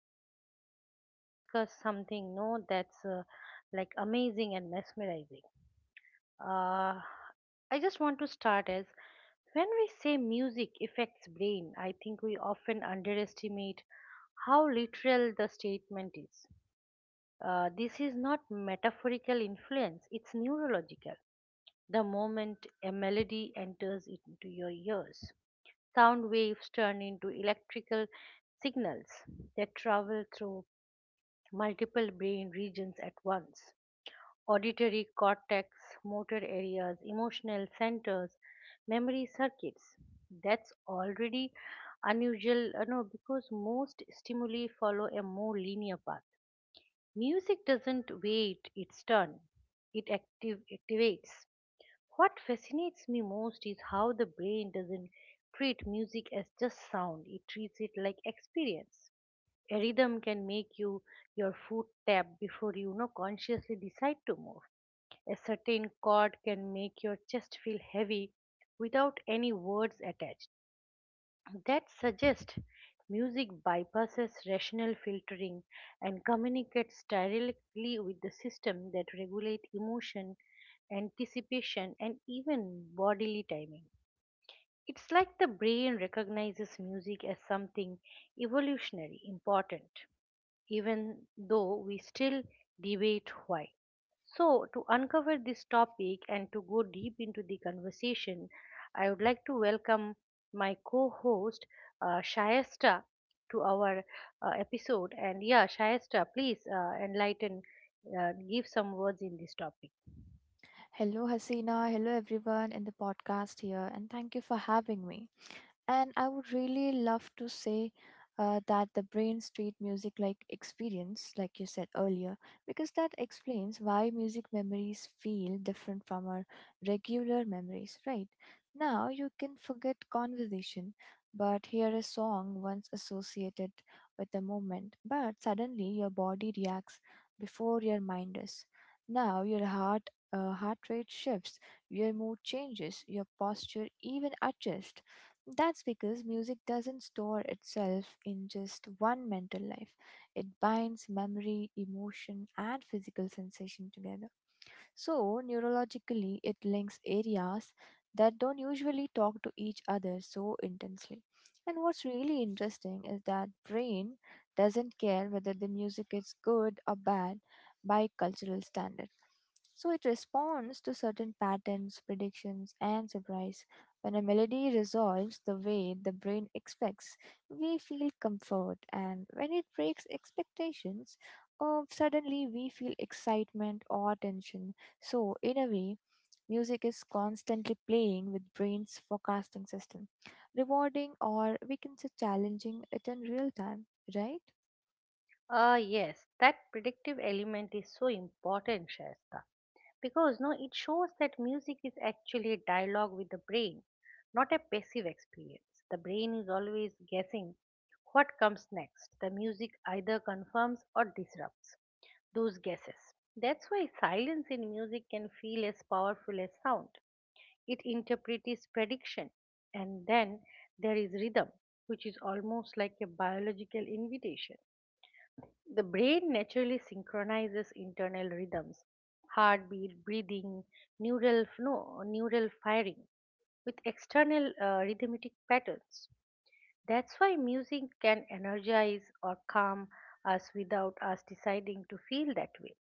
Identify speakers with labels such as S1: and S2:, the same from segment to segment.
S1: So, today we want to discuss something no, that's like amazing and mesmerizing. Uh, I just want to start as when we say music affects brain, I think we often underestimate how literal the statement is. This is not metaphorical influence, it's neurological. The moment a melody enters into your ears, sound waves turn into electrical signals that travel through multiple brain regions at once, auditory cortex, motor areas, emotional centers, memory circuits. That's already unusual no, because most stimuli follow a more linear path. Music doesn't wait its turn, it activates. What fascinates me most is how the brain doesn't treat music as just sound, it treats it like experience. A rhythm can make your foot tap before you, you know consciously decide to move. A certain chord can make your chest feel heavy without any words attached. That suggests music bypasses rational filtering and communicates directly with the system that regulate emotion, anticipation, and even bodily timing. It's like the brain recognizes music as something evolutionary important, even though we still debate why. So, to uncover this topic and to go deep into the conversation, I would like to welcome my co host, Shayesta, to our episode. And yeah, Shayesta, please enlighten, give some words in this topic.
S2: Hello, Hasina. Hello, everyone in the podcast here, and thank you for having me. And I would really love to say that the brain street music like experience, like you said earlier, because that explains why music memories feel different from our regular memories, right? Now you can forget conversation, but hear a song once associated with a moment, but suddenly your body reacts before your mind does. Now your heart rate shifts, your mood changes, your posture even adjusts. That's because music doesn't store itself in just one mental life. It binds memory, emotion, and physical sensation together. So, neurologically, it links areas that don't usually talk to each other so intensely. And what's really interesting is that brain doesn't care whether the music is good or bad by cultural standards. So it responds to certain patterns, predictions, and surprise. When a melody resolves the way the brain expects, we feel comfort, and when it breaks expectations, oh, suddenly we feel excitement or tension. So, in a way, music is constantly playing with brain's forecasting system, rewarding, or we can say challenging it, in real time, right?
S1: Yes, that predictive element is so important, Shayesta. Because no it shows that music is actually a dialogue with the brain, not a passive experience. The brain is always guessing what comes next. The music either confirms or disrupts those guesses. That's why silence in music can feel as powerful as sound. It interprets prediction. And then there is rhythm, which is almost like a biological invitation. The brain naturally synchronizes internal rhythms, heartbeat, breathing, neural, no, neural firing, with external rhythmic patterns. That's why music can energize or calm us without us deciding to feel that way.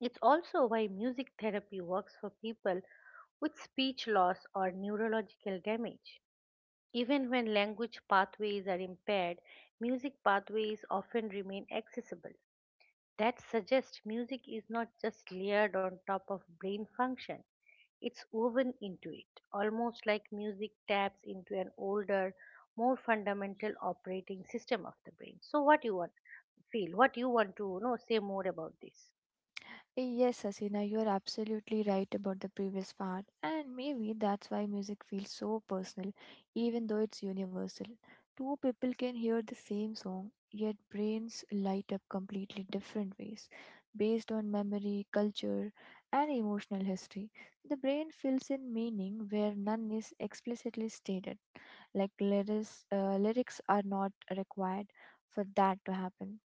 S1: It's also why music therapy works for people with speech loss or neurological damage. Even when language pathways are impaired, music pathways often remain accessible. That suggests music is not just layered on top of brain function, it's woven into it, almost like music taps into an older, more fundamental operating system of the brain. So, what you want feel? What you want to say more about this?
S2: Yes, Hasina, you are absolutely right about the previous part, and maybe that's why music feels so personal, even though it's universal. Two people can hear the same song, yet brains light up completely different ways, based on memory, culture, and emotional history. The brain fills in meaning where none is explicitly stated, like lyrics are not required for that to happen.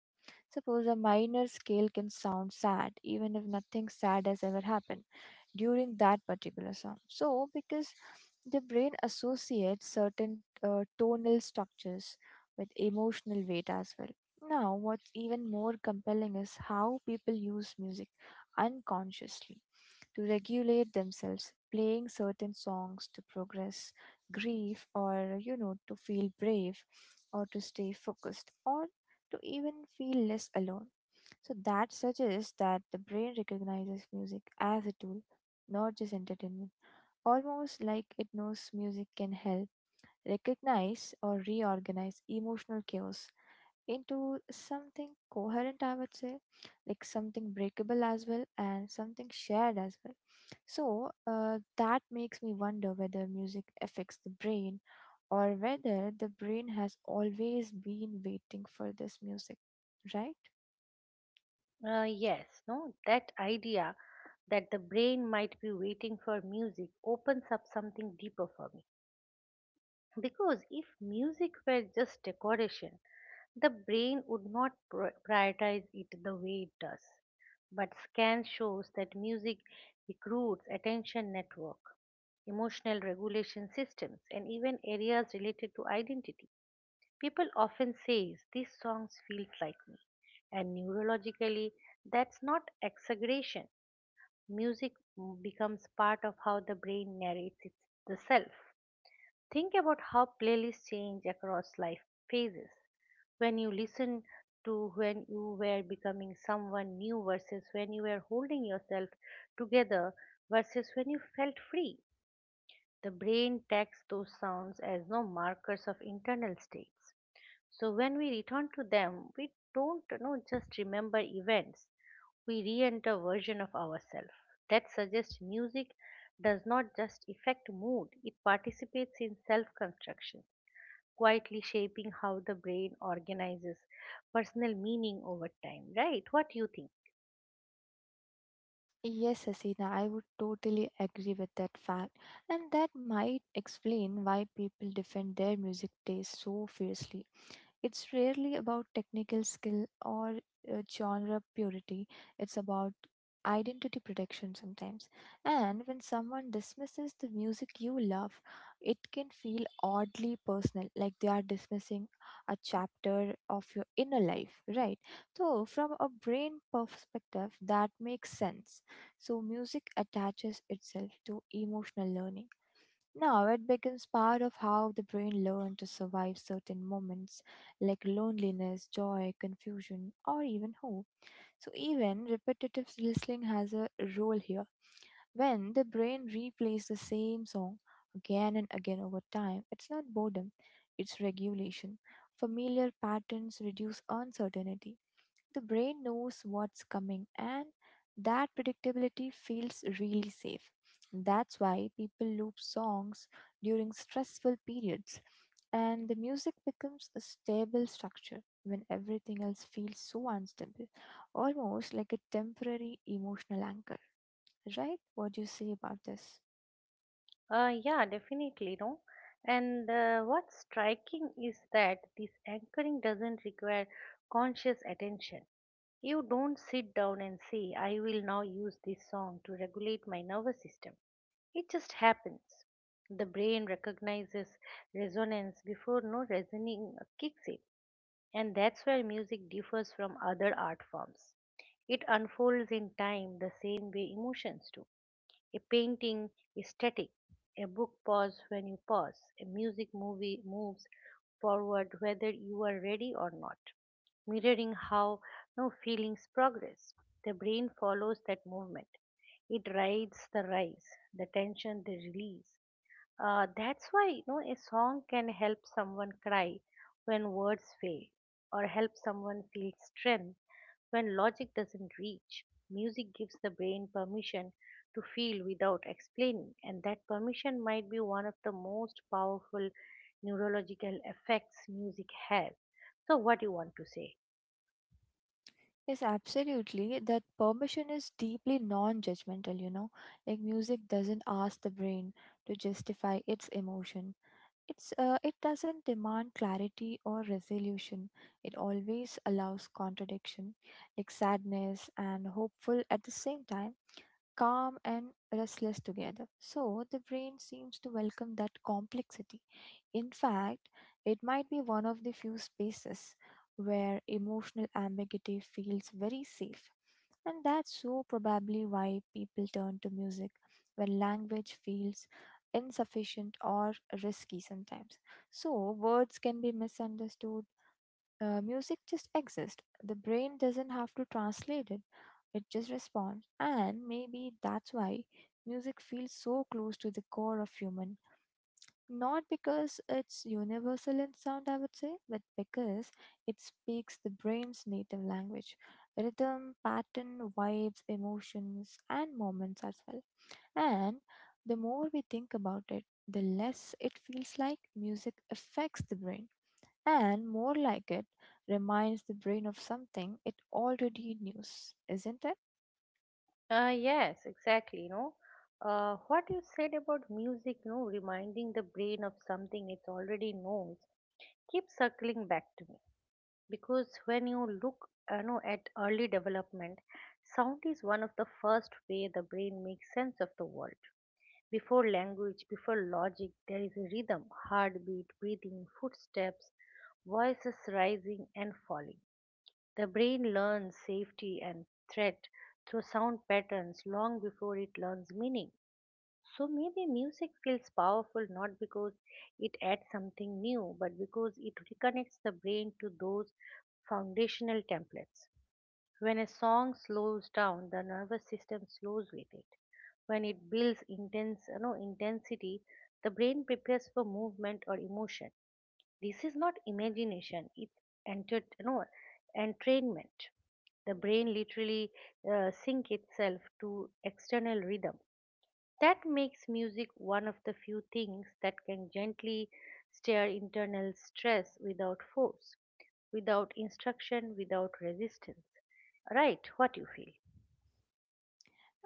S2: Suppose a minor scale can sound sad, even if nothing sad has ever happened during that particular song. So, because the brain associates certain tonal structures with emotional weight as well. Now, what's even more compelling is how people use music unconsciously to regulate themselves, playing certain songs to progress, grief, or to feel brave, or to stay focused, or to even feel less alone. So that suggests that the brain recognizes music as a tool, not just entertainment. Almost like it knows music can help recognize or reorganize emotional chaos into something coherent, I would say, like something breakable as well and something shared as well. So that makes me wonder whether music affects the brain or whether the brain has always been waiting for this music, right?
S1: Yes, no, that idea that the brain might be waiting for music opens up something deeper for me. Because if music were just decoration, the brain would not prioritize it the way it does. But scan shows that music recruits attention network, emotional regulation systems, and even areas related to identity. People often say these songs feels like me. And neurologically, that's not exaggeration. Music becomes part of how the brain narrates the self. Think about how playlists change across life phases, when you listen to, when you were becoming someone new versus when you were holding yourself together versus when you felt free. The brain tags those sounds as no markers of internal states. So when we return to them, we don't just remember events. We re-enter version of ourselves. That suggests music does not just affect mood, it participates in self-construction, quietly shaping how the brain organizes personal meaning over time, right? What do you think?
S2: Yes, Hasina, I would totally agree with that fact, and that might explain why people defend their music taste so fiercely. It's rarely about technical skill or genre purity, it's about identity protection sometimes. And when someone dismisses the music you love, it can feel oddly personal, like they are dismissing a chapter of your inner life, right? So, from a brain perspective, that makes sense. So, music attaches itself to emotional learning. Now it becomes part of how the brain learns to survive certain moments like loneliness, joy, confusion, or even hope. So, even repetitive listening has a role here. When the brain replays the same song again and again over time, it's not boredom, it's regulation. Familiar patterns reduce uncertainty. The brain knows what's coming, and that predictability feels really safe. That's why people loop songs during stressful periods, and the music becomes a stable structure when everything else feels so unstable, almost like a temporary emotional anchor. Right? What do you say about this?
S1: Yeah, definitely, no. And what's striking is that this anchoring doesn't require conscious attention. You don't sit down and say, I will now use this song to regulate my nervous system. It just happens. The brain recognizes resonance before no reasoning kicks in. And that's where music differs from other art forms. It unfolds in time the same way emotions do. A painting is static. A book pauses when you pause. A music movie moves forward whether you are ready or not, mirroring how no feelings progress. The brain follows that movement. It rides the rise, the tension, the release. That's why a song can help someone cry when words fail, or help someone feel strength when logic doesn't reach. Music gives the brain permission to feel without explaining, and that permission might be one of the most powerful neurological effects music has. So, what do you want to say?
S2: Yes, absolutely. That permission is deeply non judgmental, you know. Like, music doesn't ask the brain to justify its emotion. It doesn't demand clarity or resolution. It always allows contradiction, like sadness and hopeful at the same time, calm and restless together. So the brain seems to welcome that complexity. In fact, it might be one of the few spaces where emotional ambiguity feels very safe. And that's so probably why people turn to music when language feels insufficient or risky sometimes. So, words can be misunderstood, music just exists. The brain doesn't have to translate it, it just responds. And maybe that's why music feels so close to the core of human. Not because it's universal in sound, I would say, but because it speaks the brain's native language, rhythm, pattern, vibes, emotions, and moments as well. And the more we think about it, the less it feels like music affects the brain and more like it reminds the brain of something it already knows, isn't it?
S1: Yes, exactly. What you said about music, reminding the brain of something it already knows keep circling back to me, because when you look at early development, sound is one of the first way the brain makes sense of the world. Before language, before logic, there is a rhythm, heartbeat, breathing, footsteps, voices rising and falling. The brain learns safety and threat through sound patterns long before it learns meaning. So maybe music feels powerful not because it adds something new, but because it reconnects the brain to those foundational templates. When a song slows down, the nervous system slows with it. When it builds intensity, the brain prepares for movement or emotion. This is not imagination; it's enter, you know, entrainment. The brain literally sync itself to external rhythm. That makes music one of the few things that can gently stir internal stress without force, without instruction, without resistance. Right, what you feel.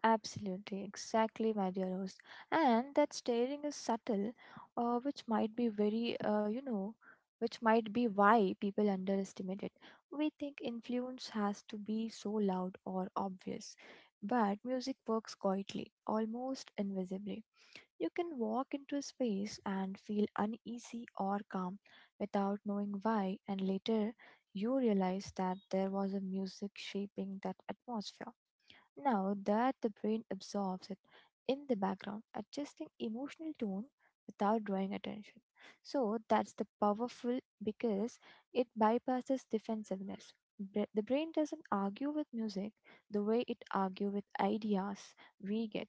S2: Absolutely, exactly, my dear host. And that staring is subtle, which might be very, which might be why people underestimate it. We think influence has to be so loud or obvious, but music works quietly, almost invisibly. You can walk into a space and feel uneasy or calm without knowing why, and later you realize that there was a music shaping that atmosphere. Now that the brain absorbs it in the background, adjusting emotional tone without drawing attention. So that's the powerful because it bypasses defensiveness. The brain doesn't argue with music the way it argues with ideas we get,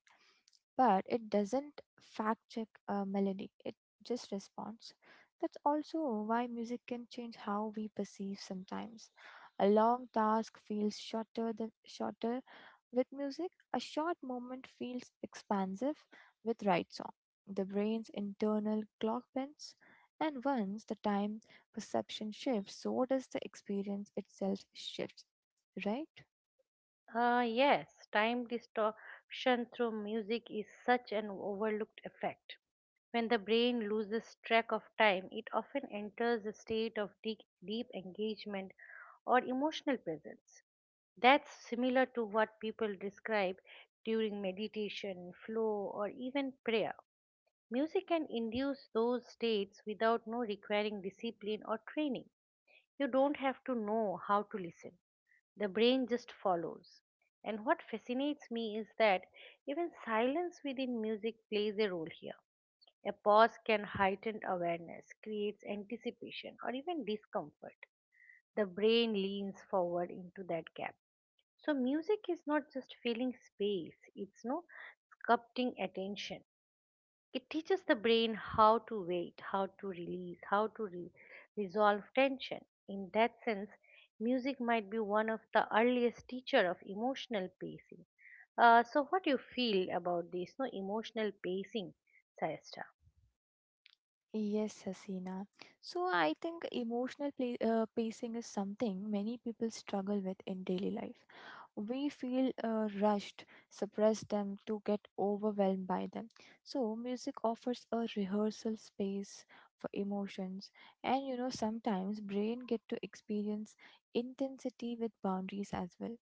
S2: but it doesn't fact check a melody, it just responds. That's also why music can change how we perceive sometimes. A long task feels shorter than shorter with music, a short moment feels expansive with right song. The brain's internal clock bends, and once the time perception shifts, so does the experience itself shifts, right?
S1: Yes, time distortion through music is such an overlooked effect. When the brain loses track of time, it often enters a state of deep, deep engagement or emotional presence. That's similar to what people describe during meditation, flow, or even prayer. Music can induce those states without no requiring discipline or training. You don't have to know how to listen. The brain just follows. And what fascinates me is that even silence within music plays a role here. A pause can heighten awareness, creates anticipation, or even discomfort. The brain leans forward into that gap. So music is not just filling space, it's no sculpting attention. It teaches the brain how to wait, how to release, how to resolve tension. In that sense, music might be one of the earliest teacher of emotional pacing. So, what do you feel about this? No emotional pacing, Sayasta.
S2: Yes, Hasina. So I think emotional pla pacing is something many people struggle with in daily life. We feel rushed, suppress them to get overwhelmed by them. So music offers a rehearsal space for emotions, and you know sometimes brain get to experience intensity with boundaries as well.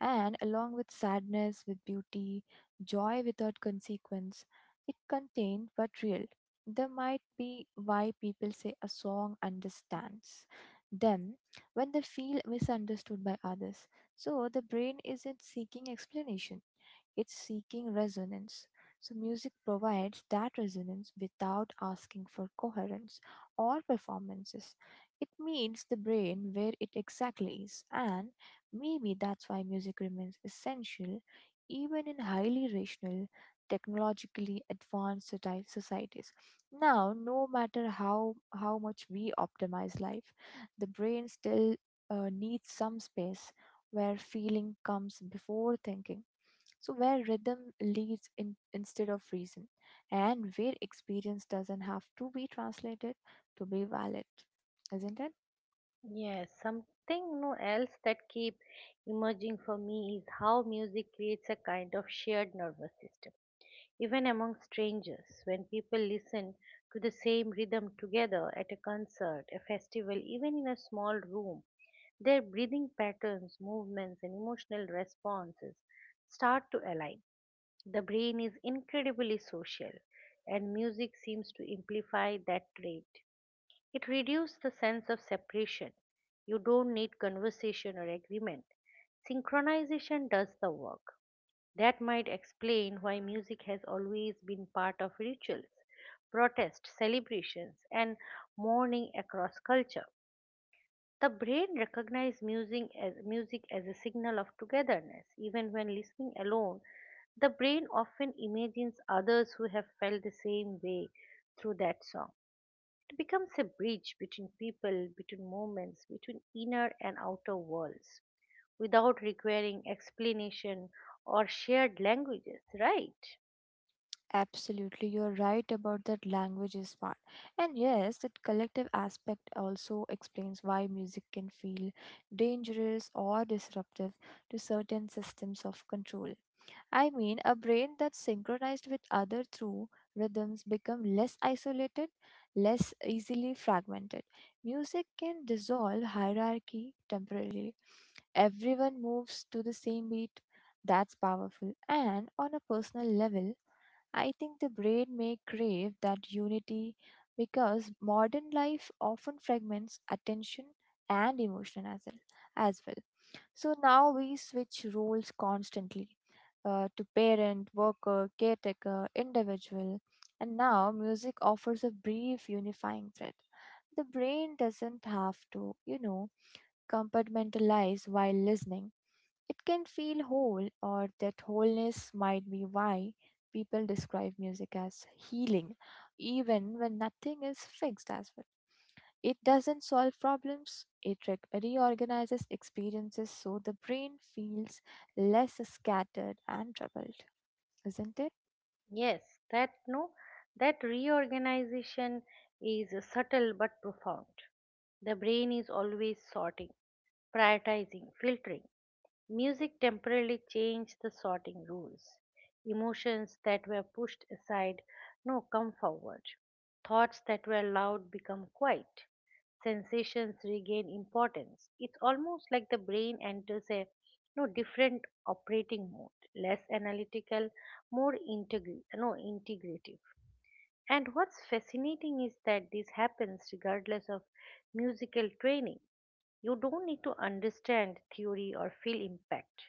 S2: And along with sadness, with beauty, joy without consequence, it contained but real. There might be why people say a song understands them when they feel misunderstood by others. So the brain isn't seeking explanation, it's seeking resonance. So, music provides that resonance without asking for coherence or performances. It meets the brain where it exactly is, and maybe that's why music remains essential even in highly rational, technologically advanced societies. Now, no matter how much we optimize life, the brain still needs some space where feeling comes before thinking. So, where rhythm leads in, instead of reason, and where experience doesn't have to be translated to be valid, isn't it?
S1: Yes, something no else that keep emerging for me is how music creates a kind of shared nervous system. Even among strangers, when people listen to the same rhythm together at a concert, a festival, even in a small room, their breathing patterns, movements, and emotional responses start to align. The brain is incredibly social, and music seems to amplify that trait. It reduces the sense of separation. You don't need conversation or agreement. Synchronization does the work. That might explain why music has always been part of rituals, protests, celebrations, and mourning across culture. The brain recognizes music as a signal of togetherness. Even when listening alone, the brain often imagines others who have felt the same way through that song. It becomes a bridge between people, between moments, between inner and outer worlds, without requiring explanation or shared languages, right?
S2: Absolutely, you're right about that languages part. And yes, that collective aspect also explains why music can feel dangerous or disruptive to certain systems of control. I mean, a brain that's synchronized with other through rhythms become less isolated, less easily fragmented. Music can dissolve hierarchy temporarily. Everyone moves to the same beat. That's powerful. And on a personal level, I think the brain may crave that unity because modern life often fragments attention and emotion as well. As well. So now we switch roles constantly, to parent, worker, caretaker, individual, and now music offers a brief unifying thread. The brain doesn't have to, you know, compartmentalize while listening. It can feel whole, or that wholeness might be why people describe music as healing, even when nothing is fixed as well. It doesn't solve problems, it reorganizes experiences so the brain feels less scattered and troubled, isn't it?
S1: Yes, that no, that reorganization is subtle but profound. The brain is always sorting, prioritizing, filtering. Music temporarily changed the sorting rules. Emotions that were pushed aside no, come forward. Thoughts that were loud become quiet, sensations regain importance. It's almost like the brain enters a no different operating mode, less analytical, more integral, no integrative. And what's fascinating is that this happens regardless of musical training. You don't need to understand theory or feel impact.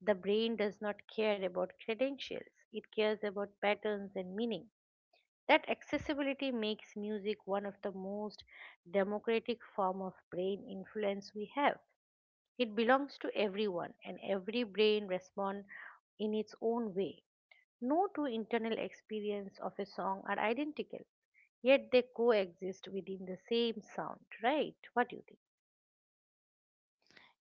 S1: The brain does not care about credentials. It cares about patterns and meaning. That accessibility makes music one of the most democratic form of brain influence we have. It belongs to everyone and every brain responds in its own way. No two internal experience of a song are identical, yet they coexist within the same sound, right? What do you think?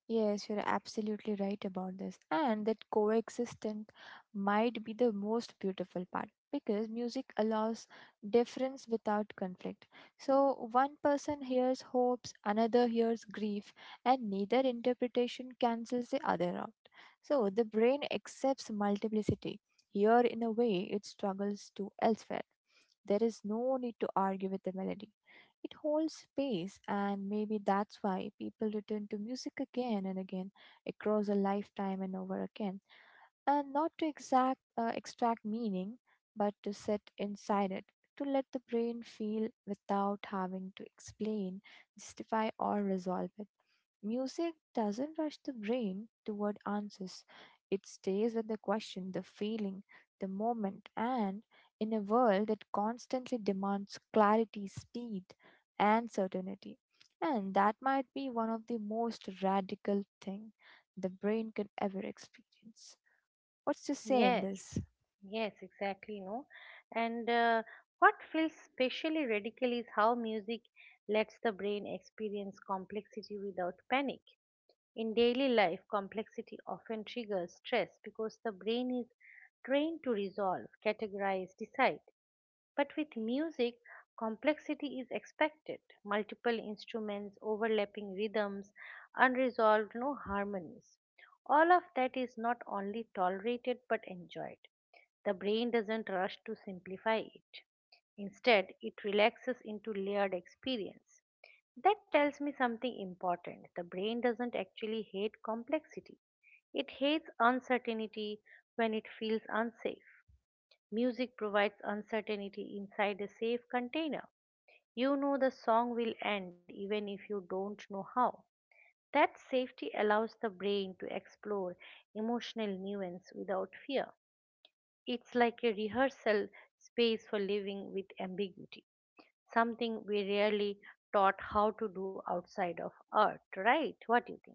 S2: Yes, you're absolutely right about this. And that coexistence might be the most beautiful part because music allows difference without conflict. So one person hears hopes, another hears grief, and neither interpretation cancels the other out. So the brain accepts multiplicity. Here, in a way, it struggles to elsewhere. There is no need to argue with the melody. It holds space, and maybe that's why people return to music again and again across a lifetime and over again. And not to extract meaning, but to sit inside it, to let the brain feel without having to explain, justify, or resolve it. Music doesn't rush the brain toward answers. It stays with the question, the feeling, the moment, and in a world that constantly demands clarity, speed, and certainty. And that might be one of the most radical thing the brain can ever experience. What's to say in
S1: Yes.
S2: this?
S1: Yes, exactly, no. And what feels specially radical is how music lets the brain experience complexity without panic. In daily life, complexity often triggers stress because the brain is trained to resolve, categorize, decide. But with music, complexity is expected, multiple instruments, overlapping rhythms, unresolved no harmonies. All of that is not only tolerated but enjoyed. The brain doesn't rush to simplify it. Instead, it relaxes into layered experience. That tells me something important. The brain doesn't actually hate complexity, it hates uncertainty when it feels unsafe. Music provides uncertainty inside a safe container. You know the song will end even if you don't know how. That safety allows the brain to explore emotional nuance without fear. It's like a rehearsal space for living with ambiguity, something we rarely taught how to do outside of art, right? What do you think?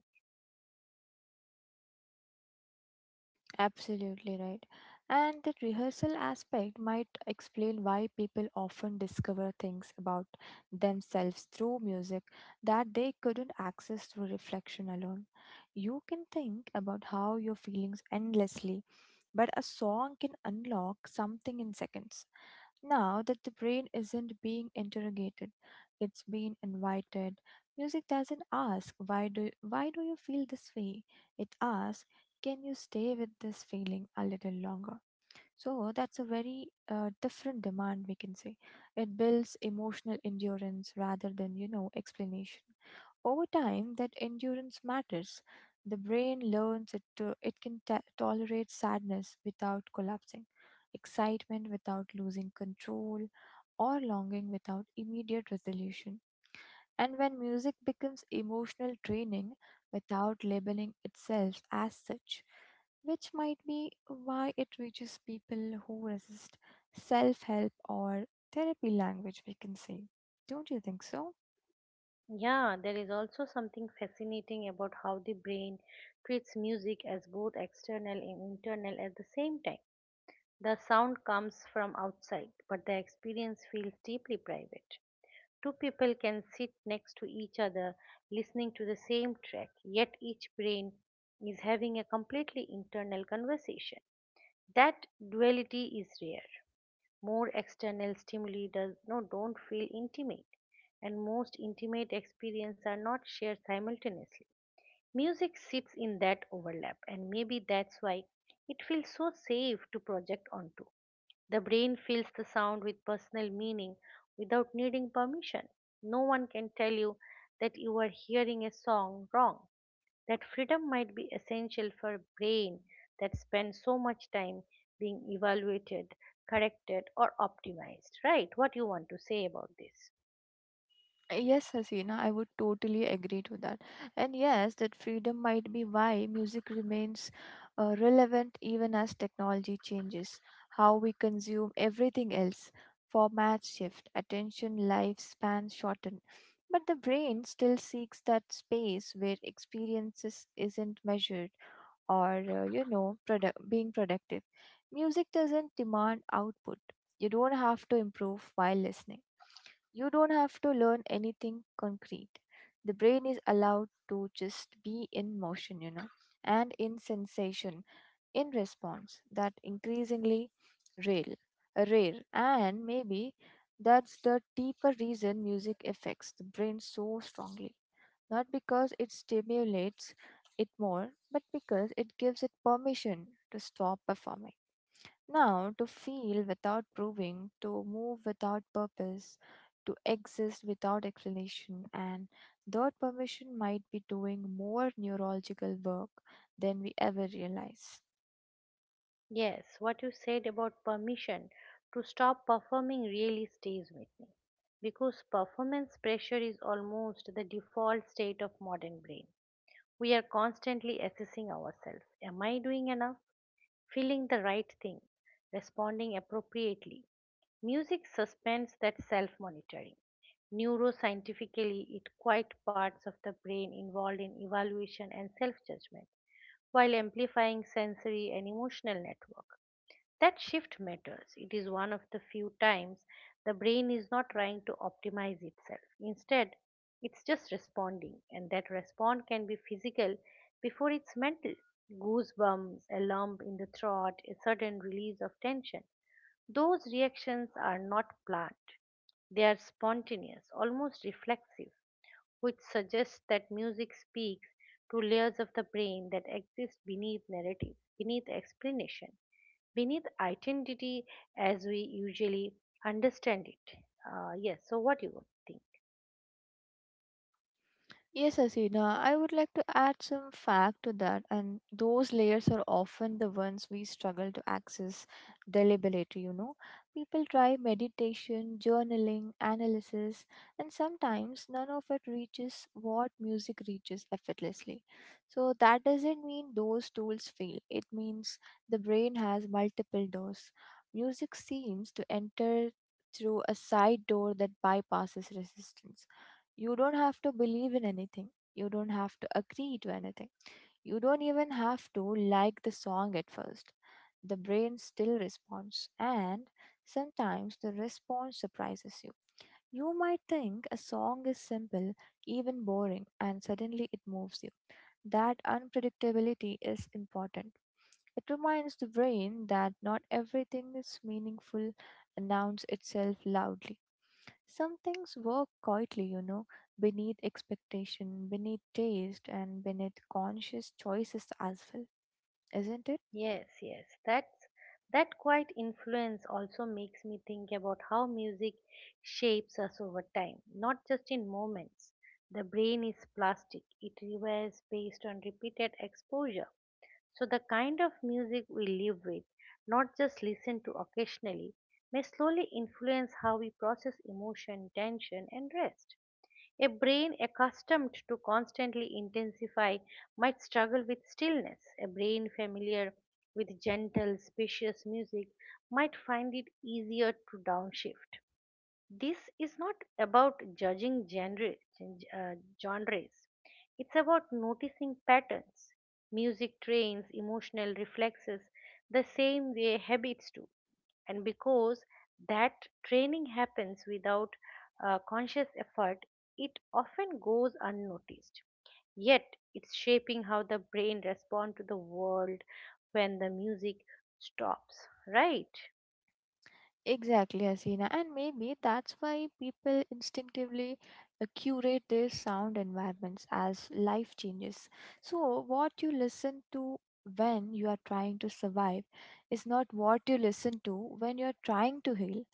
S2: Absolutely right. And that rehearsal aspect might explain why people often discover things about themselves through music that they couldn't access through reflection alone. You can think about how your feelings endlessly, but a song can unlock something in seconds. Now that the brain isn't being interrogated, it's being invited. Music doesn't ask why do you feel this way? It asks, can you stay with this feeling a little longer? So that's a very different demand we can say. It builds emotional endurance rather than you know explanation. Over time, that endurance matters. The brain learns it can tolerate sadness without collapsing, excitement without losing control, or longing without immediate resolution. And when music becomes emotional training without labeling itself as such, which might be why it reaches people who resist self help or therapy language, we can say. Don't you think so?
S1: Yeah, there is also something fascinating about how the brain treats music as both external and internal at the same time. The sound comes from outside, but the experience feels deeply private. Two people can sit next to each other listening to the same track, yet each brain is having a completely internal conversation. That duality is rare. More external stimuli does no don't feel intimate, and most intimate experiences are not shared simultaneously. Music sits in that overlap, and maybe that's why it feels so safe to project onto. The brain fills the sound with personal meaning without needing permission. No one can tell you that you are hearing a song wrong. That freedom might be essential for a brain that spends so much time being evaluated, corrected, or optimized, right? What you want to say about this?
S2: Yes, Hasina, I would totally agree to that. And yes, that freedom might be why music remains relevant even as technology changes. How we consume everything else, formats shift, attention lifespans shorten. But the brain still seeks that space where experiences isn't measured or being productive. Music doesn't demand output. You don't have to improve while listening, you don't have to learn anything concrete. The brain is allowed to just be in motion, and in sensation, in response that increasingly rare, rare. And maybe that's the deeper reason music affects the brain so strongly. Not because it stimulates it more, but because it gives it permission to stop performing now, to feel without proving, to move without purpose, to exist without explanation, and that permission might be doing more neurological work than we ever realize.
S1: Yes, what you said about permission to stop performing really stays with me because performance pressure is almost the default state of modern brain. We are constantly assessing ourselves. Am I doing enough? Feeling the right thing? Responding appropriately? Music suspends that self monitoring. Neuroscientifically, it quiet parts of the brain involved in evaluation and self judgment while amplifying sensory and emotional network. That shift matters. It is one of the few times the brain is not trying to optimize itself. Instead, it's just responding, and that response can be physical before it's mental. Goosebumps, a lump in the throat, a sudden release of tension. Those reactions are not planned, they are spontaneous, almost reflexive, which suggests that music speaks to layers of the brain that exist beneath narrative, beneath explanation, beneath identity as we usually understand it. Yes, so what do you think?
S2: Yes, Asina, I would like to add some fact to that, and those layers are often the ones we struggle to access deliberately, People try meditation, journaling, analysis, and sometimes none of it reaches what music reaches effortlessly. So, that doesn't mean those tools fail, it means the brain has multiple doors. Music seems to enter through a side door that bypasses resistance. You don't have to believe in anything. You don't have to agree to anything. You don't even have to like the song at first. The brain still responds, and sometimes the response surprises you. You might think a song is simple, even boring, and suddenly it moves you. That unpredictability is important. It reminds the brain that not everything is meaningful announce itself loudly. Some things work quietly, beneath expectation, beneath taste, and beneath conscious choices as well, isn't it?
S1: Yes, yes. That quiet influence also makes me think about how music shapes us over time, not just in moments. The brain is plastic. It revives based on repeated exposure. So the kind of music we live with, not just listen to occasionally, may slowly influence how we process emotion, tension and rest. A brain accustomed to constantly intensify might struggle with stillness. A brain familiar with gentle, spacious music might find it easier to downshift. This is not about judging uh, genres. It's about noticing patterns. Music trains emotional reflexes the same way habits do. And because that training happens without conscious effort, it often goes unnoticed. Yet, it's shaping how the brain responds to the world when the music stops, right?
S2: Exactly, Hasina. And maybe that's why people instinctively curate their sound environments as life changes. So, what you listen to when you are trying to survive is not what you listen to when you are trying to heal.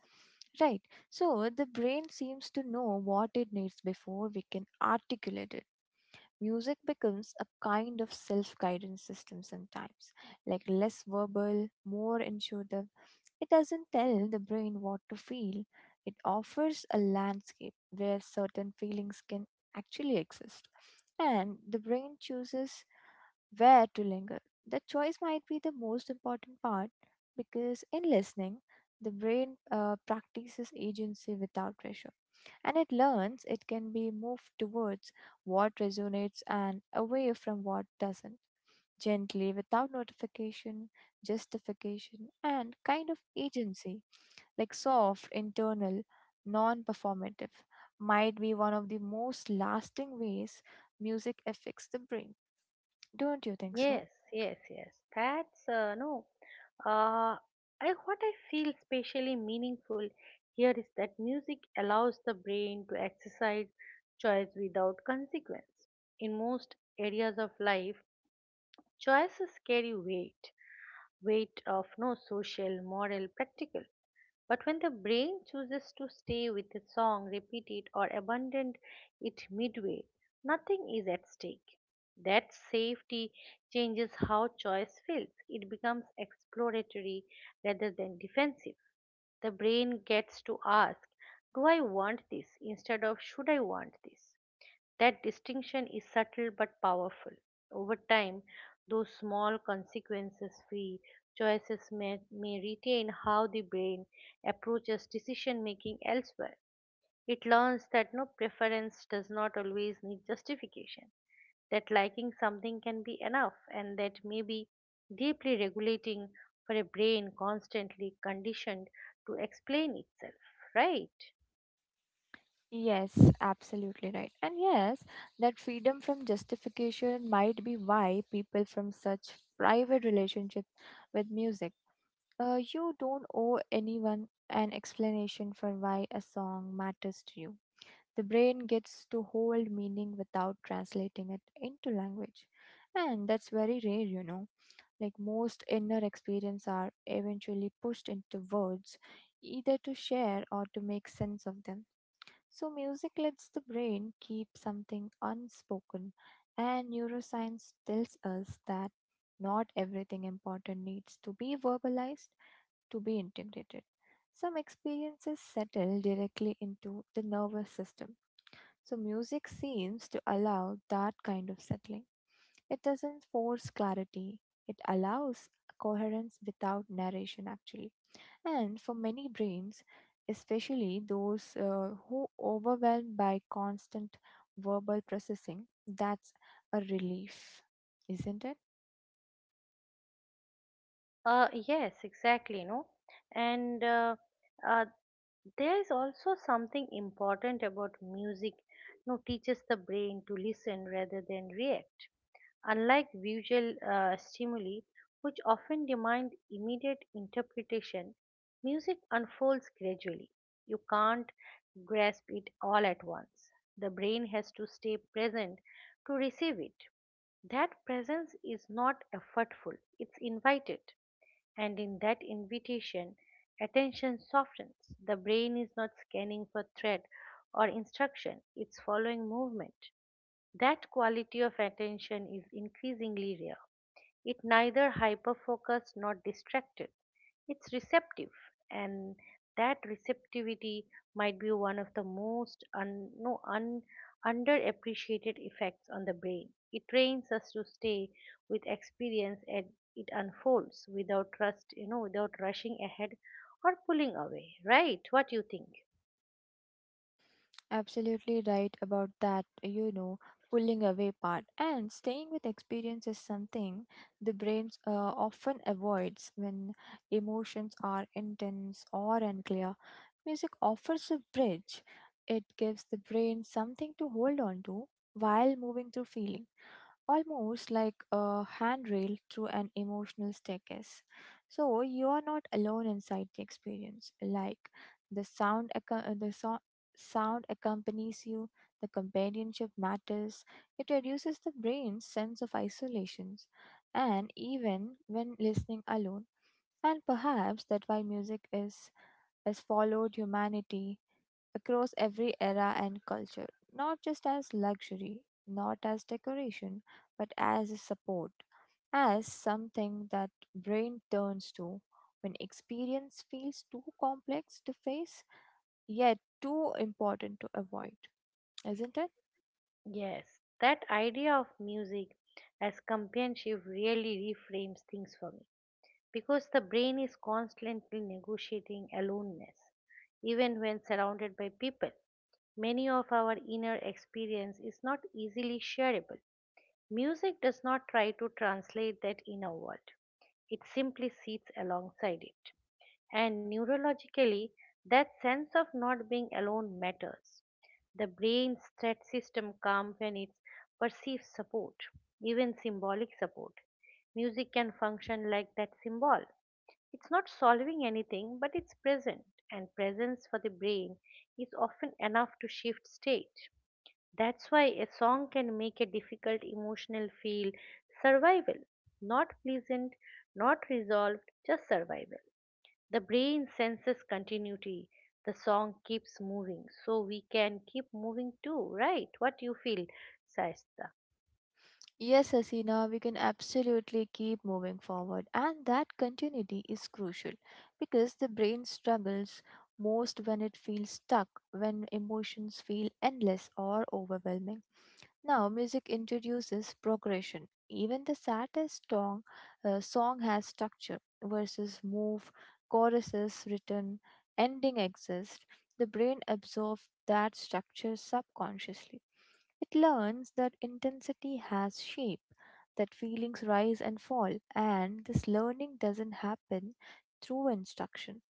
S2: Right. So the brain seems to know what it needs before we can articulate it. Music becomes a kind of self guidance system sometimes, like less verbal, more intuitive. It doesn't tell the brain what to feel, it offers a landscape where certain feelings can actually exist, and the brain chooses where to linger. That choice might be the most important part because in listening, the brain practices agency without pressure, and it learns it can be moved towards what resonates and away from what doesn't, gently without notification, justification, and kind of agency, like soft, internal, non performative, might be one of the most lasting ways music affects the brain. Don't you think so?
S1: Yes, yes, yes. That's no. Uh, I What I feel specially meaningful here is that music allows the brain to exercise choice without consequence. In most areas of life, choices carry weight, weight of no social, moral, practical. But when the brain chooses to stay with a song, repeat it, or abandon it midway, nothing is at stake. That safety changes how choice feels. It becomes exploratory rather than defensive. The brain gets to ask, do I want this? Instead of, should I want this? That distinction is subtle but powerful. Over time, those small consequences free choices may retain how the brain approaches decision making elsewhere. It learns that preference does not always need justification, that liking something can be enough, and that may be deeply regulating for a brain constantly conditioned to explain itself, right?
S2: Yes, absolutely right. And yes, that freedom from justification might be why people from such private relationships with music. You don't owe anyone an explanation for why a song matters to you. The brain gets to hold meaning without translating it into language. And that's very rare, Like most inner experiences are eventually pushed into words, either to share or to make sense of them. So, music lets the brain keep something unspoken, and neuroscience tells us that not everything important needs to be verbalized to be integrated. Some experiences settle directly into the nervous system. So, music seems to allow that kind of settling. It doesn't force clarity, it allows coherence without narration, actually. And for many brains, especially those who overwhelmed by constant verbal processing, that's a relief, isn't it?
S1: Yes, exactly, no? And uh, There is also something important about music, you know, teaches the brain to listen rather than react. Unlike visual stimuli, which often demand immediate interpretation, music unfolds gradually. You can't grasp it all at once. The brain has to stay present to receive it. That presence is not effortful, it's invited. And in that invitation, attention softens. The brain is not scanning for threat or instruction, it's following movement. That quality of attention is increasingly rare. It neither hyperfocused nor distracted. It's receptive, and that receptivity might be one of the most un, no, un, underappreciated effects on the brain. It trains us to stay with experience and it unfolds without trust, you know, without rushing ahead or pulling away. Right? What you think?
S2: Absolutely right about that, pulling away part. And staying with experience is something the brain often avoids when emotions are intense or unclear. Music offers a bridge, it gives the brain something to hold on to while moving through feelings almost like a handrail through an emotional staircase. So you are not alone inside the experience. Like the sound accompanies you. The companionship matters. It reduces the brain's sense of isolation, and even when listening alone. And perhaps that why music is has followed humanity across every era and culture, not just as luxury, not as decoration, but as a support, as something that brain turns to when experience feels too complex to face yet too important to avoid, isn't it?
S1: Yes, that idea of music as companionship really reframes things for me, because the brain is constantly negotiating aloneness, even when surrounded by people. Many of our inner experience is not easily shareable. Music does not try to translate that inner world, it simply sits alongside it. And neurologically, that sense of not being alone matters. The brain's threat system comes when it perceives support, even symbolic support. Music can function like that symbol. It's not solving anything, but it's present, and presence for the brain is often enough to shift state. That's why a song can make a difficult emotional feel survival, not pleasant, not resolved, just survival. The brain senses continuity. The song keeps moving, so we can keep moving too, right? What you feel, Saista?
S2: Yes, Hasina, we can absolutely keep moving forward, and that continuity is crucial because the brain struggles most when it feels stuck, when emotions feel endless or overwhelming. Now, music introduces progression. Even the saddest song has structure. Verses move, choruses written, ending exists. The brain absorbs that structure subconsciously. It learns that intensity has shape, that feelings rise and fall, and this learning doesn't happen through instruction.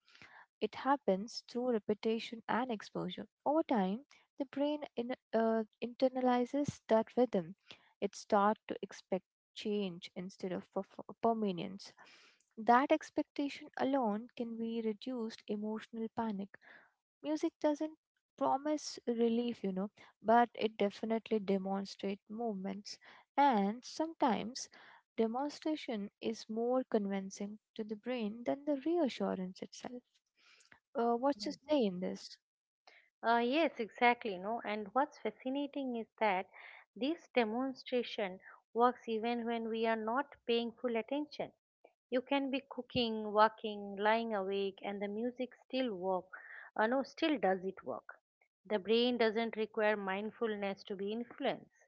S2: It happens through repetition and exposure. Over time, the brain internalizes that rhythm. It starts to expect change instead of permanence. That expectation alone can be reduced emotional panic. Music doesn't promise relief, but it definitely demonstrates movements, and sometimes demonstration is more convincing to the brain than the reassurance itself. What's your say in this?
S1: Yes, exactly. No, and what's fascinating is that this demonstration works even when we are not paying full attention. You can be cooking, walking, lying awake, and the music still work. No, still does it work. The brain doesn't require mindfulness to be influenced.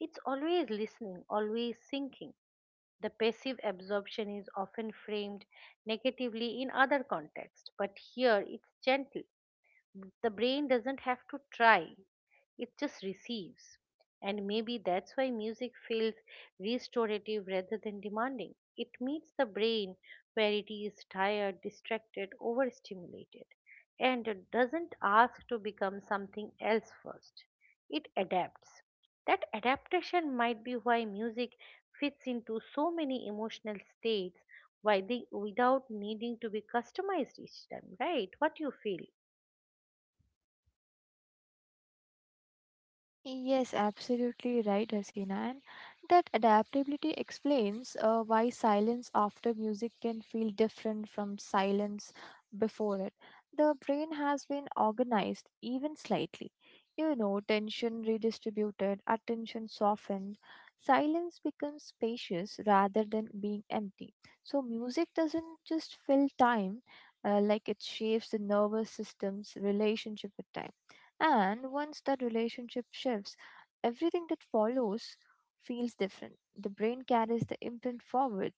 S1: It's always listening, always thinking. The passive absorption is often framed negatively in other contexts, but here it's gentle. The brain doesn't have to try, it just receives, and maybe that's why music feels restorative rather than demanding. It meets the brain where it is tired, distracted, overstimulated, and it doesn't ask to become something else first. It adapts. That adaptation might be why music fits into so many emotional states, why they, without needing to be customized each time. Right? What do you feel?
S2: Yes, absolutely right, Hasina. And that adaptability explains why silence after music can feel different from silence before it. The brain has been organized even slightly. You know, tension redistributed, attention softened. Silence becomes spacious rather than being empty. So, music doesn't just fill time, like it shapes the nervous system's relationship with time. And once that relationship shifts, everything that follows feels different. The brain carries the imprint forward.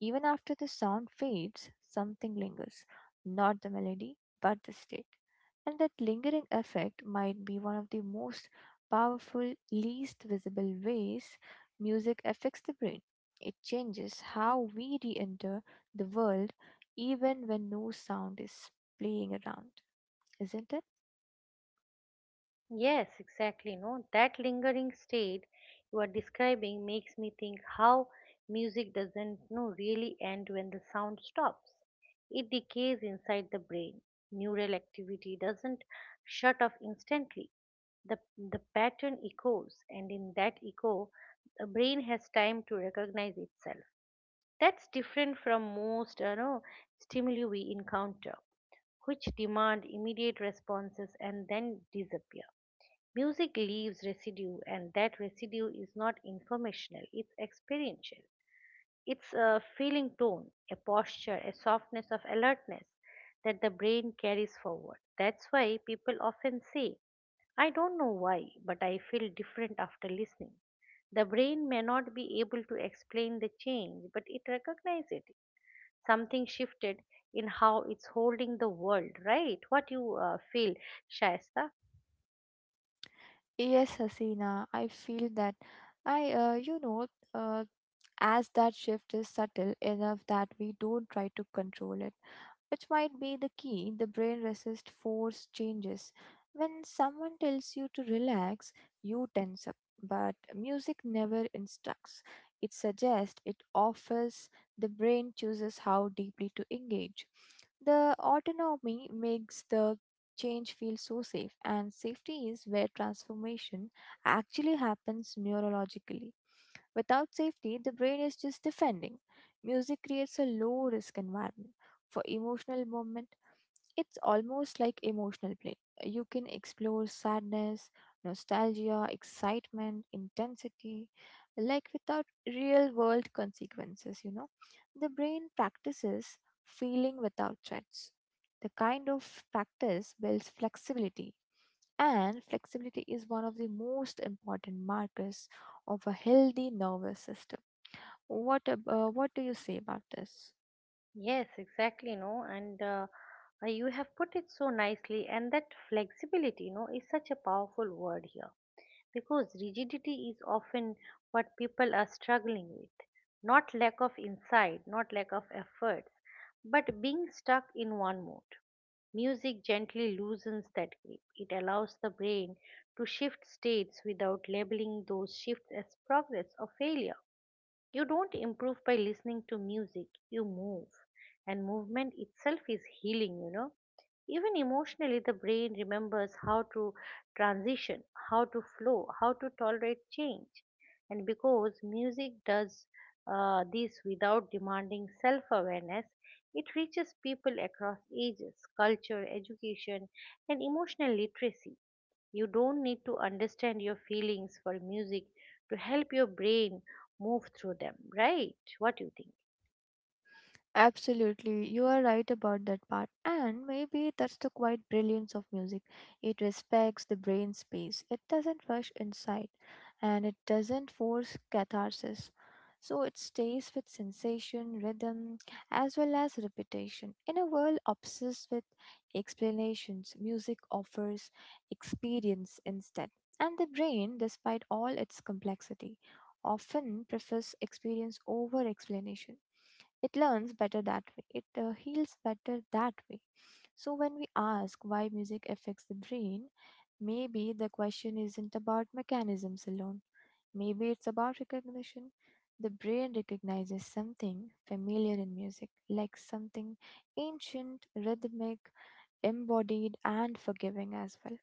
S2: Even after the sound fades, something lingers. Not the melody, but the state. And that lingering effect might be one of the most powerful, least visible ways music affects the brain. It changes how we re enter the world even when no sound is playing around, isn't it?
S1: Yes, exactly. No, that lingering state you are describing makes me think how music doesn't no really end when the sound stops. It decays inside the brain. Neural activity doesn't shut off instantly. The the pattern echoes, and in that echo, the brain has time to recognize itself. That's different from most, you know, stimuli we encounter, which demand immediate responses and then disappear. Music leaves residue, and that residue is not informational, it's experiential. It's a feeling tone, a posture, a softness of alertness that the brain carries forward. That's why people often say, I don't know why, but I feel different after listening. The brain may not be able to explain the change, but it recognizes it. Something shifted in how it's holding the world, right? What you feel, Shaista?
S2: Yes, Hasina, I feel that. I, uh, you know, uh, as that shift is subtle enough that we don't try to control it, which might be the key. The brain resists forced changes. When someone tells you to relax, you tense up. But music never instructs. It suggests, it offers, the brain chooses how deeply to engage. The autonomy makes the change feel so safe, and safety is where transformation actually happens neurologically. Without safety, the brain is just defending. Music creates a low risk environment for emotional movement. It's almost like emotional play. You can explore sadness, nostalgia, excitement, intensity, like without real world consequences, The brain practices feeling without threats. The kind of practice builds flexibility, and flexibility is one of the most important markers of a healthy nervous system. What do you say about this?
S1: Yes, exactly, no, and you have put it so nicely, and that flexibility, you know, is such a powerful word here because rigidity is often what people are struggling with. Not lack of insight, not lack of efforts, but being stuck in one mode. Music gently loosens that grip. It allows the brain to shift states without labeling those shifts as progress or failure. You don't improve by listening to music, you move. And movement itself is healing, you know. Even emotionally, the brain remembers how to transition, how to flow, how to tolerate change. And because music does this without demanding self awareness, it reaches people across ages, culture, education, and emotional literacy. You don't need to understand your feelings for music to help your brain move through them, right? What do you think?
S2: Absolutely, you are right about that part, and maybe that's the quiet brilliance of music. It respects the brain space, it doesn't rush inside, and it doesn't force catharsis. So it stays with sensation, rhythm, as well as repetition. In a world obsessed with explanations, music offers experience instead. And the brain, despite all its complexity, often prefers experience over explanation. It learns better that way. It heals better that way. So when we ask why music affects the brain, maybe the question isn't about mechanisms alone. Maybe it's about recognition. The brain recognizes something familiar in music, like something ancient, rhythmic, embodied, and forgiving as well.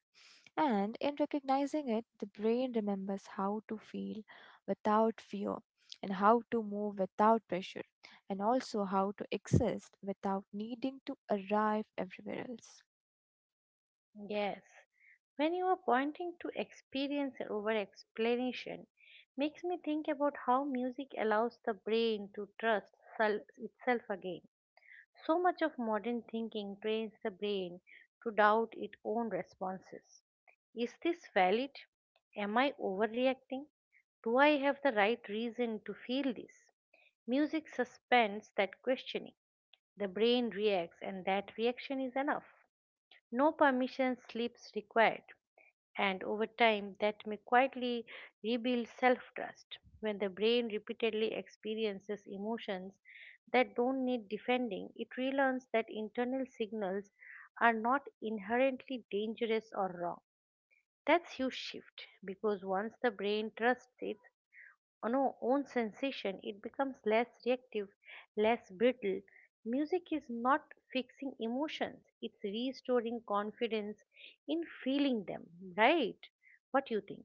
S2: And in recognizing it, the brain remembers how to feel without fear and how to move without pressure and also how to exist without needing to arrive everywhere else.
S1: Yes. When you are pointing to experience over explanation, makes me think about how music allows the brain to trust itself again. So much of modern thinking trains the brain to doubt its own responses. Is this valid? Am I overreacting? Do I have the right reason to feel this? Music suspends that questioning. The brain reacts, and that reaction is enough. No permission slips required, and over time, that may quietly rebuild self trust. When the brain repeatedly experiences emotions that don't need defending, it relearns that internal signals are not inherently dangerous or wrong. That's huge shift because once the brain trusts it, on our own sensation, it becomes less reactive, less brittle. Music is not fixing emotions, it's restoring confidence in feeling them, right? What you think?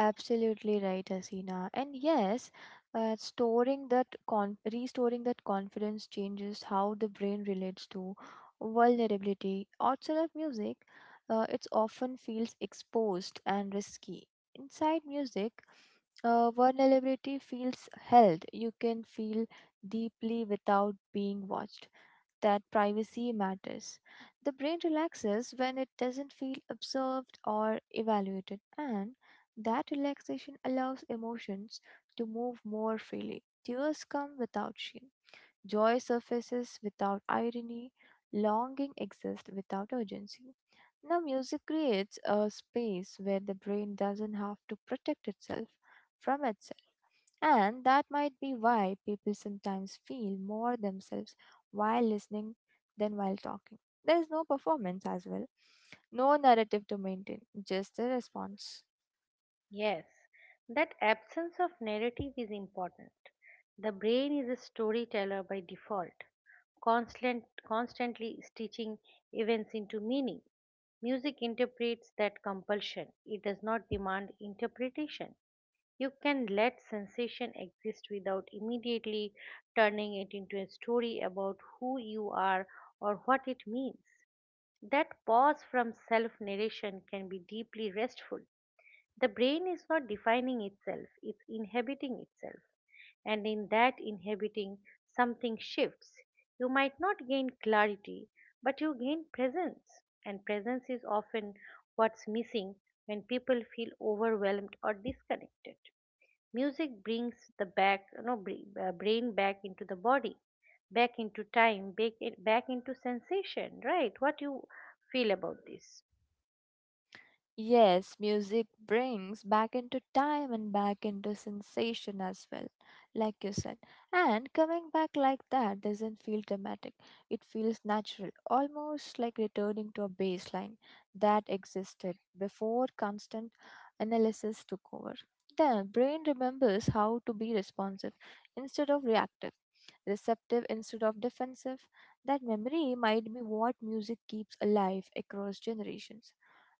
S2: Absolutely right, Asina. And yes, restoring that confidence changes how the brain relates to vulnerability. Outside of music, it often feels exposed and risky. Inside music, vulnerability feels held. You can feel deeply without being watched. That privacy matters. The brain relaxes when it doesn't feel observed or evaluated, and that relaxation allows emotions to move more freely. Tears come without shame, joy surfaces without irony, longing exists without urgency. Now, music creates a space where the brain doesn't have to protect itself from itself, and that might be why people sometimes feel more themselves while listening than while talking. There is no performance as well, no narrative to maintain, just a response.
S1: Yes, that absence of narrative is important. The brain is a storyteller by default, constantly stitching events into meaning. Music interprets that compulsion, it does not demand interpretation. You can let sensation exist without immediately turning it into a story about who you are or what it means. That pause from self narration can be deeply restful. The brain is not defining itself, it's inhabiting itself. And in that inhabiting, something shifts. You might not gain clarity, but you gain presence. And presence is often what's missing when people feel overwhelmed or disconnected. Music brings the back, no, br- brain back into the body, back into time, back into sensation, right? What you feel about this?
S2: Yes, music brings back into time and back into sensation as well, like you said. And coming back like that doesn't feel dramatic, it feels natural, almost like returning to a baseline that existed before constant analysis took over. The brain remembers how to be responsive instead of reactive, receptive instead of defensive. That memory might be what music keeps alive across generations,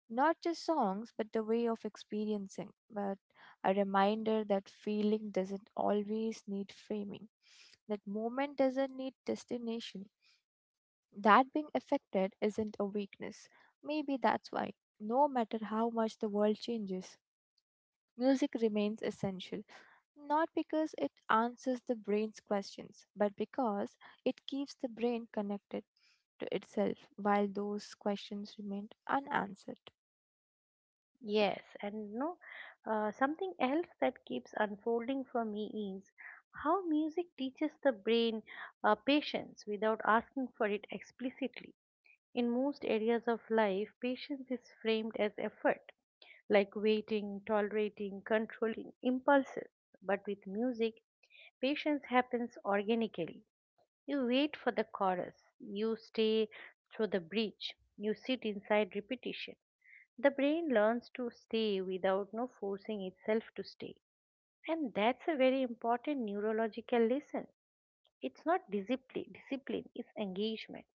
S2: not just songs, but the way of experiencing, but a reminder that feeling doesn't always need framing, that moment doesn't need destination. That being affected isn't a weakness. Maybe that's why, no matter how much the world changes, music remains essential not because it answers the brain's questions, but because it keeps the brain connected to itself while those questions remain unanswered.
S1: Yes, and no, something else that keeps unfolding for me is how music teaches the brain patience without asking for it explicitly. In most areas of life, patience is framed as effort, like waiting, tolerating, controlling impulses. But with music, patience happens organically. You wait for the chorus, you stay through the bridge, you sit inside repetition. The brain learns to stay without no forcing itself to stay. And that's a very important neurological lesson. It's not discipline, discipline is engagement.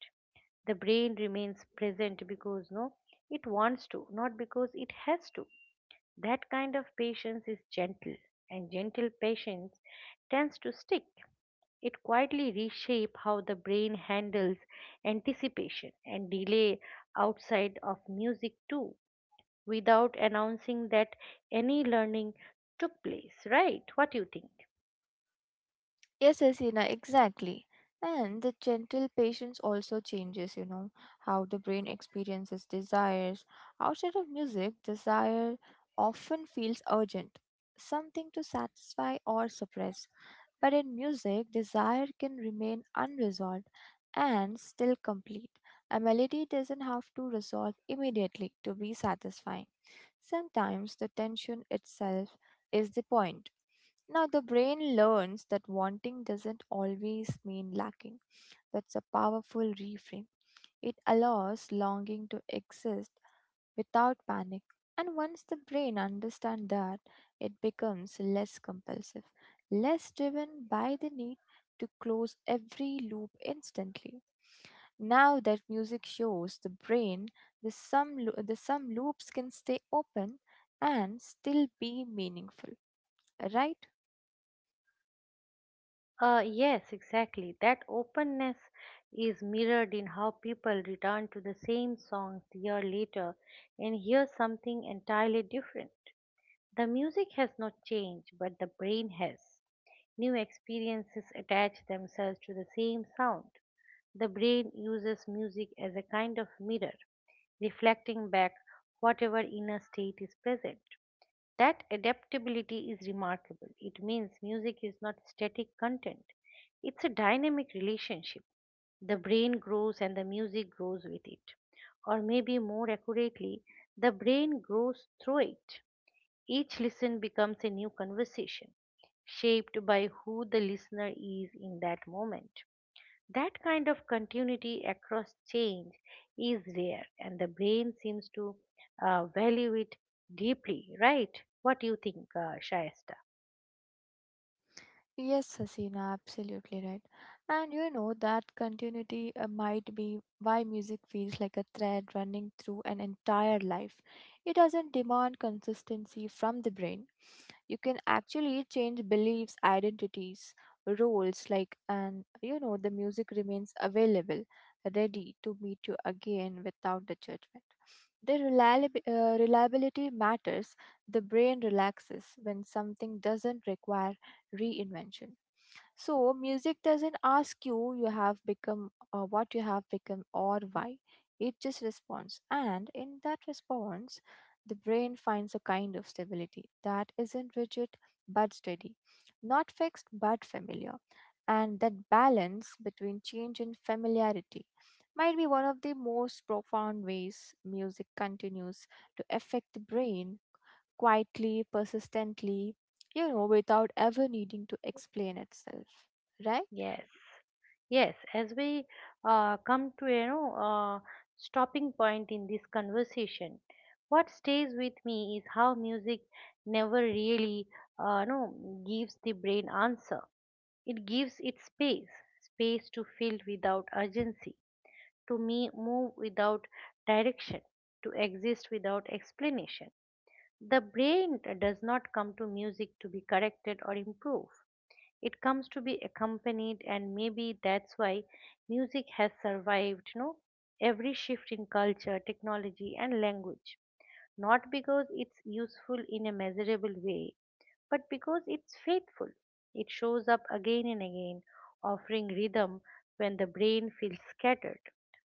S1: The brain remains present because it wants to, not because it has to. That kind of patience is gentle and gentle patience tends to stick, it quietly reshapes how the brain handles anticipation and delay outside of music too, without announcing that any learning took place, right? What do you think?
S2: Yes, Asina, exactly. And the gentle patience also changes, you know, how the brain experiences desires. Outside of music, desire often feels urgent, something to satisfy or suppress. But in music, desire can remain unresolved and still complete. A melody doesn't have to resolve immediately to be satisfying. Sometimes the tension itself is the point. Now, the brain learns that wanting doesn't always mean lacking. That's a powerful reframe. It allows longing to exist without panic. And once the brain understands that, it becomes less compulsive, less driven by the need to close every loop instantly. Now that music shows the brain the some loops can stay open and still be meaningful, right?
S1: Yes, exactly. That openness is mirrored in how people return to the same songs year later and hear something entirely different. The music has not changed, but the brain has. New experiences attach themselves to the same sound. The brain uses music as a kind of mirror, reflecting back whatever inner state is present. That adaptability is remarkable. It means music is not static content, it's a dynamic relationship. The brain grows and the music grows with it. Or maybe more accurately, the brain grows through it. Each listen becomes a new conversation, shaped by who the listener is in that moment. That kind of continuity across change is rare, and the brain seems to value it deeply, right? What do you think, Shayesta?
S2: Yes, Hasina, absolutely right. And you know that continuity might be why music feels like a thread running through an entire life. It doesn't demand consistency from the brain, you can actually change beliefs, identities, roles, like, and you know the music remains available, ready to meet you again without the judgment. Reliability matters. The brain relaxes when something doesn't require reinvention. So music doesn't ask you, you have become what you have become or why. It just responds, and in that response, the brain finds a kind of stability that isn't rigid but steady, not fixed but familiar. And that balance between change and familiarity might be one of the most profound ways music continues to affect the brain quietly, persistently, you know, without ever needing to explain itself. Right?
S1: Yes, yes. As we come to you know stopping point in this conversation, what stays with me is how music never really no gives the brain answer. It gives it space, space to feel without urgency to me move without direction, to exist without explanation. The brain does not come to music to be corrected or improved. It comes to be accompanied, and maybe that's why music has survived, you know, every shift in culture, technology, and language. Not because it's useful in a measurable way, but because it's faithful. It shows up again and again, offering rhythm when the brain feels scattered,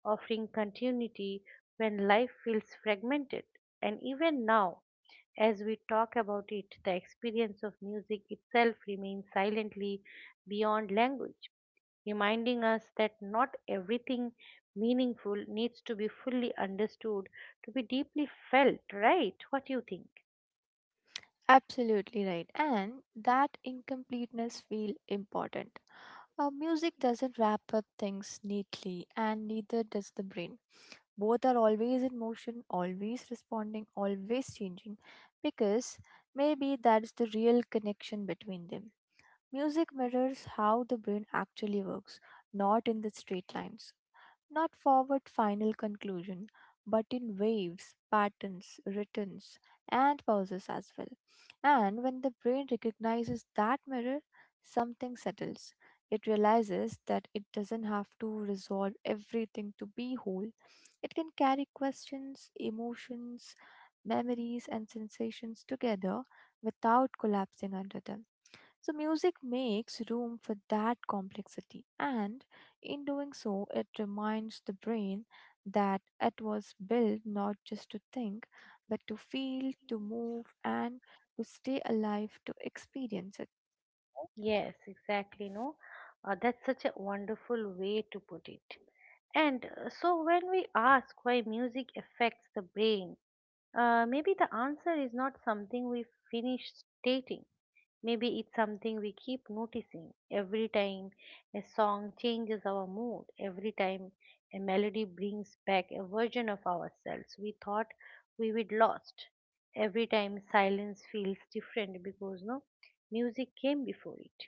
S1: offering continuity when life feels fragmented. And even now, as we talk about it, the experience of music itself remains silently beyond language, reminding us that not everything meaningful needs to be fully understood to be deeply felt, right? What do you think?
S2: Absolutely right. And that incompleteness feel important. Music doesn't wrap up things neatly, and neither does the brain. Both are always in motion, always responding, always changing, because maybe that's the real connection between them. Music mirrors how the brain actually works, not in the straight lines, not forward final conclusion, but in waves, patterns, returns, and pauses as well. And when the brain recognizes that mirror, something settles. It realizes that it doesn't have to resolve everything to be whole. It can carry questions, emotions, memories, and sensations together without collapsing under them. So, music makes room for that complexity, and in doing so, it reminds the brain that it was built not just to think, but to feel, to move, and to stay alive, to experience it.
S1: Yes, exactly. No, that's such a wonderful way to put it. And so, when we ask why music affects the brain, maybe the answer is not something we finish stating. Maybe it's something we keep noticing every time a song changes our mood, every time a melody brings back a version of ourselves we thought we would lost, every time silence feels different because no music came before it.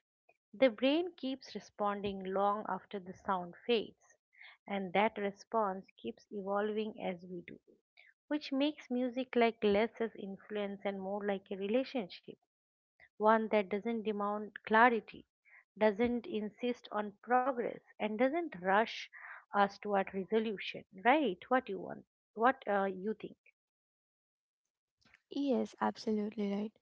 S1: The brain keeps responding long after the sound fades, and that response keeps evolving as we do, which makes music like less as influence and more like a relationship, one that doesn't demand clarity, doesn't insist on progress, and doesn't rush us toward resolution. Right? What you want? What you think?
S2: Yes, absolutely right.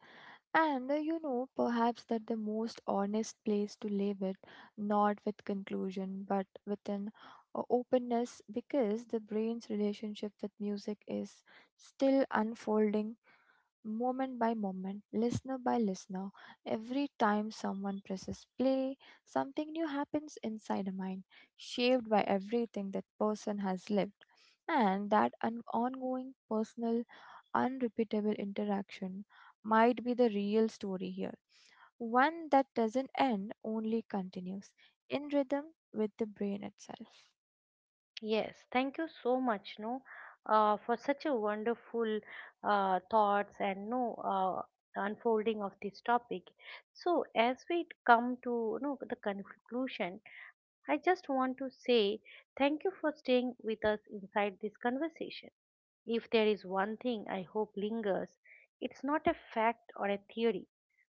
S2: And you know, perhaps that the most honest place to leave it, not with conclusion, but with an openness, because the brain's relationship with music is still unfolding moment by moment, listener by listener. Every time someone presses play, something new happens inside a mind, shaped by everything that person has lived. And that an ongoing, personal, unrepeatable interaction might be the real story here. One that doesn't end, only continues in rhythm with the brain itself.
S1: Yes, thank you so much, no, for such a wonderful thoughts and no unfolding of this topic. So, as we come to no the conclusion, I just want to say thank you for staying with us inside this conversation. If there is one thing I hope lingers, it's not a fact or a theory,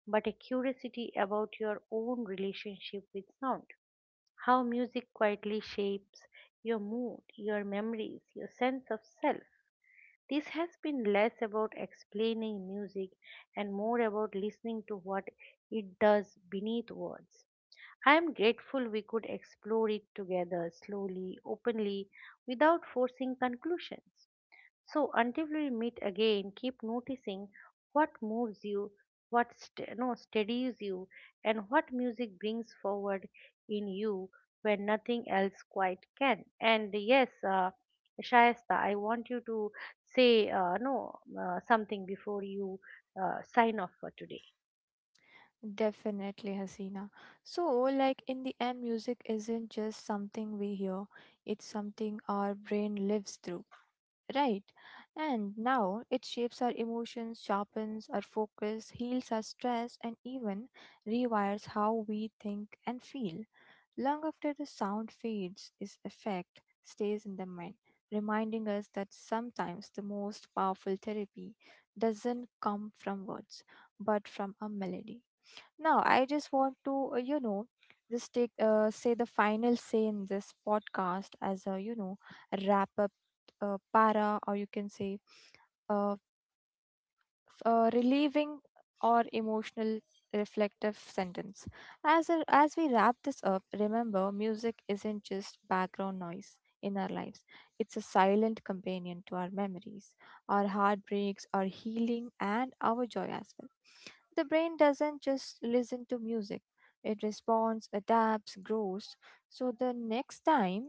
S1: but a curiosity about your own relationship with sound, how music quietly shapes your mood, your memories, your sense of self. This has been less about explaining music and more about listening to what it does beneath words. I am grateful we could explore it together slowly, openly, without forcing conclusions. So until we meet again, keep noticing what moves you, what st- no, steadies you, and what music brings forward in you when nothing else quite can. And yes, Shayesta, I want you to say no something before you sign off for today.
S2: Definitely, Hasina. So, like, in the end, music isn't just something we hear, it's something our brain lives through, right? And now it shapes our emotions, sharpens our focus, heals our stress, and even rewires how we think and feel. Long after the sound fades, its effect stays in the mind, reminding us that sometimes the most powerful therapy doesn't come from words, but from a melody. Now, I just want to, you know, just take, say the final say in this podcast as a, you know, wrap up para, or you can say, uh, relieving or emotional reflective sentence as a, as we wrap this up, remember music isn't just background noise in our lives, it's a silent companion to our memories, our heartbreaks, our healing, and our joy as well. The brain doesn't just listen to music, it responds, adapts, grows. So the next time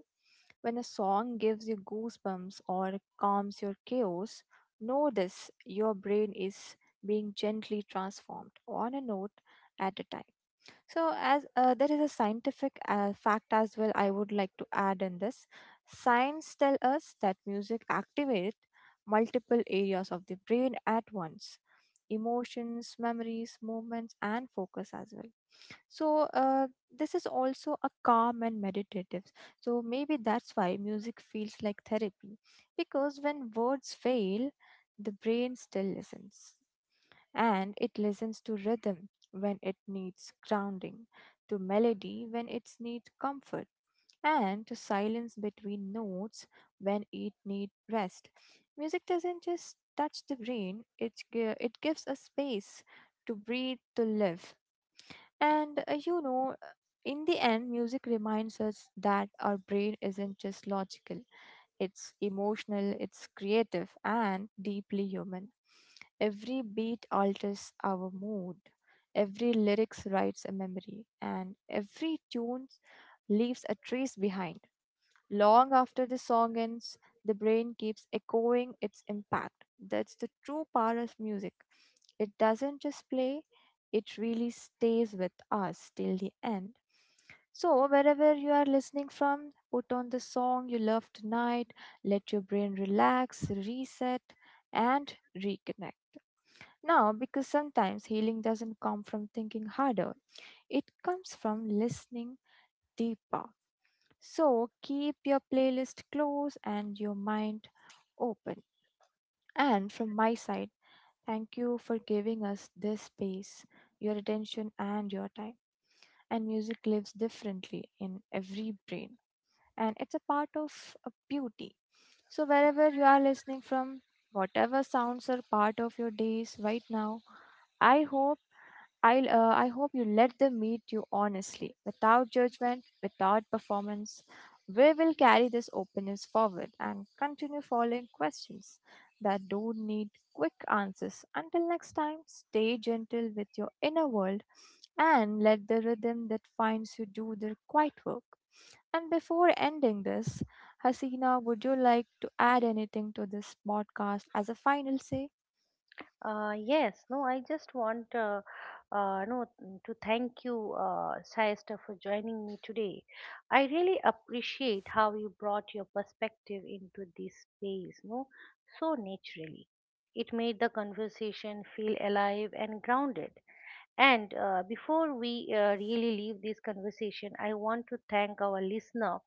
S2: when a song gives you goosebumps or calms your chaos, know this, your brain is being gently transformed on a note at a time. So, as there is a scientific fact as well, I would like to add in this. Science tell us that music activates multiple areas of the brain at once, emotions, memories, movements, and focus as well. So this is also a calm and meditative. So maybe that's why music feels like therapy, because when words fail, the brain still listens, and it listens to rhythm when it needs grounding, to melody when it needs comfort, and to silence between notes when it needs rest. Music doesn't just touch the brain, it gives us space to breathe, to live, and in the end, music reminds us that our brain isn't just logical, it's emotional, it's creative, and deeply human. Every beat alters our mood, every lyrics writes a memory, and every tune leaves a trace behind. Long after the song ends, the brain keeps echoing its impact. That's the true power of music. It doesn't just play, it really stays with us till the end. So, wherever you are listening from, put on the song you love tonight, let your brain relax, reset, and reconnect. Now, because sometimes healing doesn't come from thinking harder, it comes from listening deeper. So, keep your playlist close and your mind open. And from my side, thank you for giving us this space, your attention, and your time. And music lives differently in every brain, and it's a part of a beauty. So, wherever you are listening from, whatever sounds are part of your days right now, I hope. I hope you let them meet you honestly, without judgment, without performance. We will carry this openness forward and continue following questions that don't need quick answers. Until next time, stay gentle with your inner world and let the rhythm that finds you do their quiet work. And before ending this, Hasina, would you like to add anything to this podcast as a final say?
S1: Yes, no, I just want no mm, to thank you, Sayasta, for joining me today. I really appreciate how you brought your perspective into this space, no, so naturally. It made the conversation feel alive and grounded. And before we really leave this conversation, I want to thank our listener,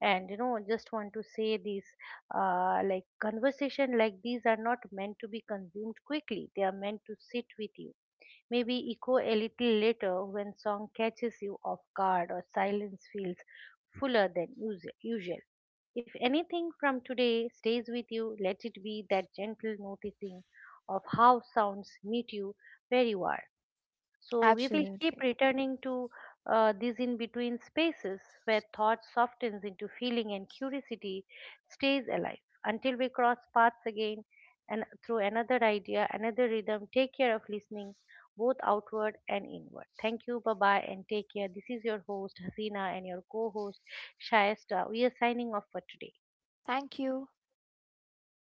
S1: and you know just want to say these like conversation like these are not meant to be consumed quickly, they are meant to sit with you, maybe echo a little later when song catches you off guard or silence feels fuller than usual. If anything from today stays with you, let it be that gentle noticing of how sounds meet you where you are. So we will keep
S2: Absolutely.
S1: returning to these in between spaces where thought softens into feeling and curiosity stays alive until we cross paths again and through another idea, another rhythm. Take care of listening both outward and inward. Thank you, bye bye, and take care. This is your host, Hasina, and your co host, Shayesta. We are signing off for today.
S2: Thank you.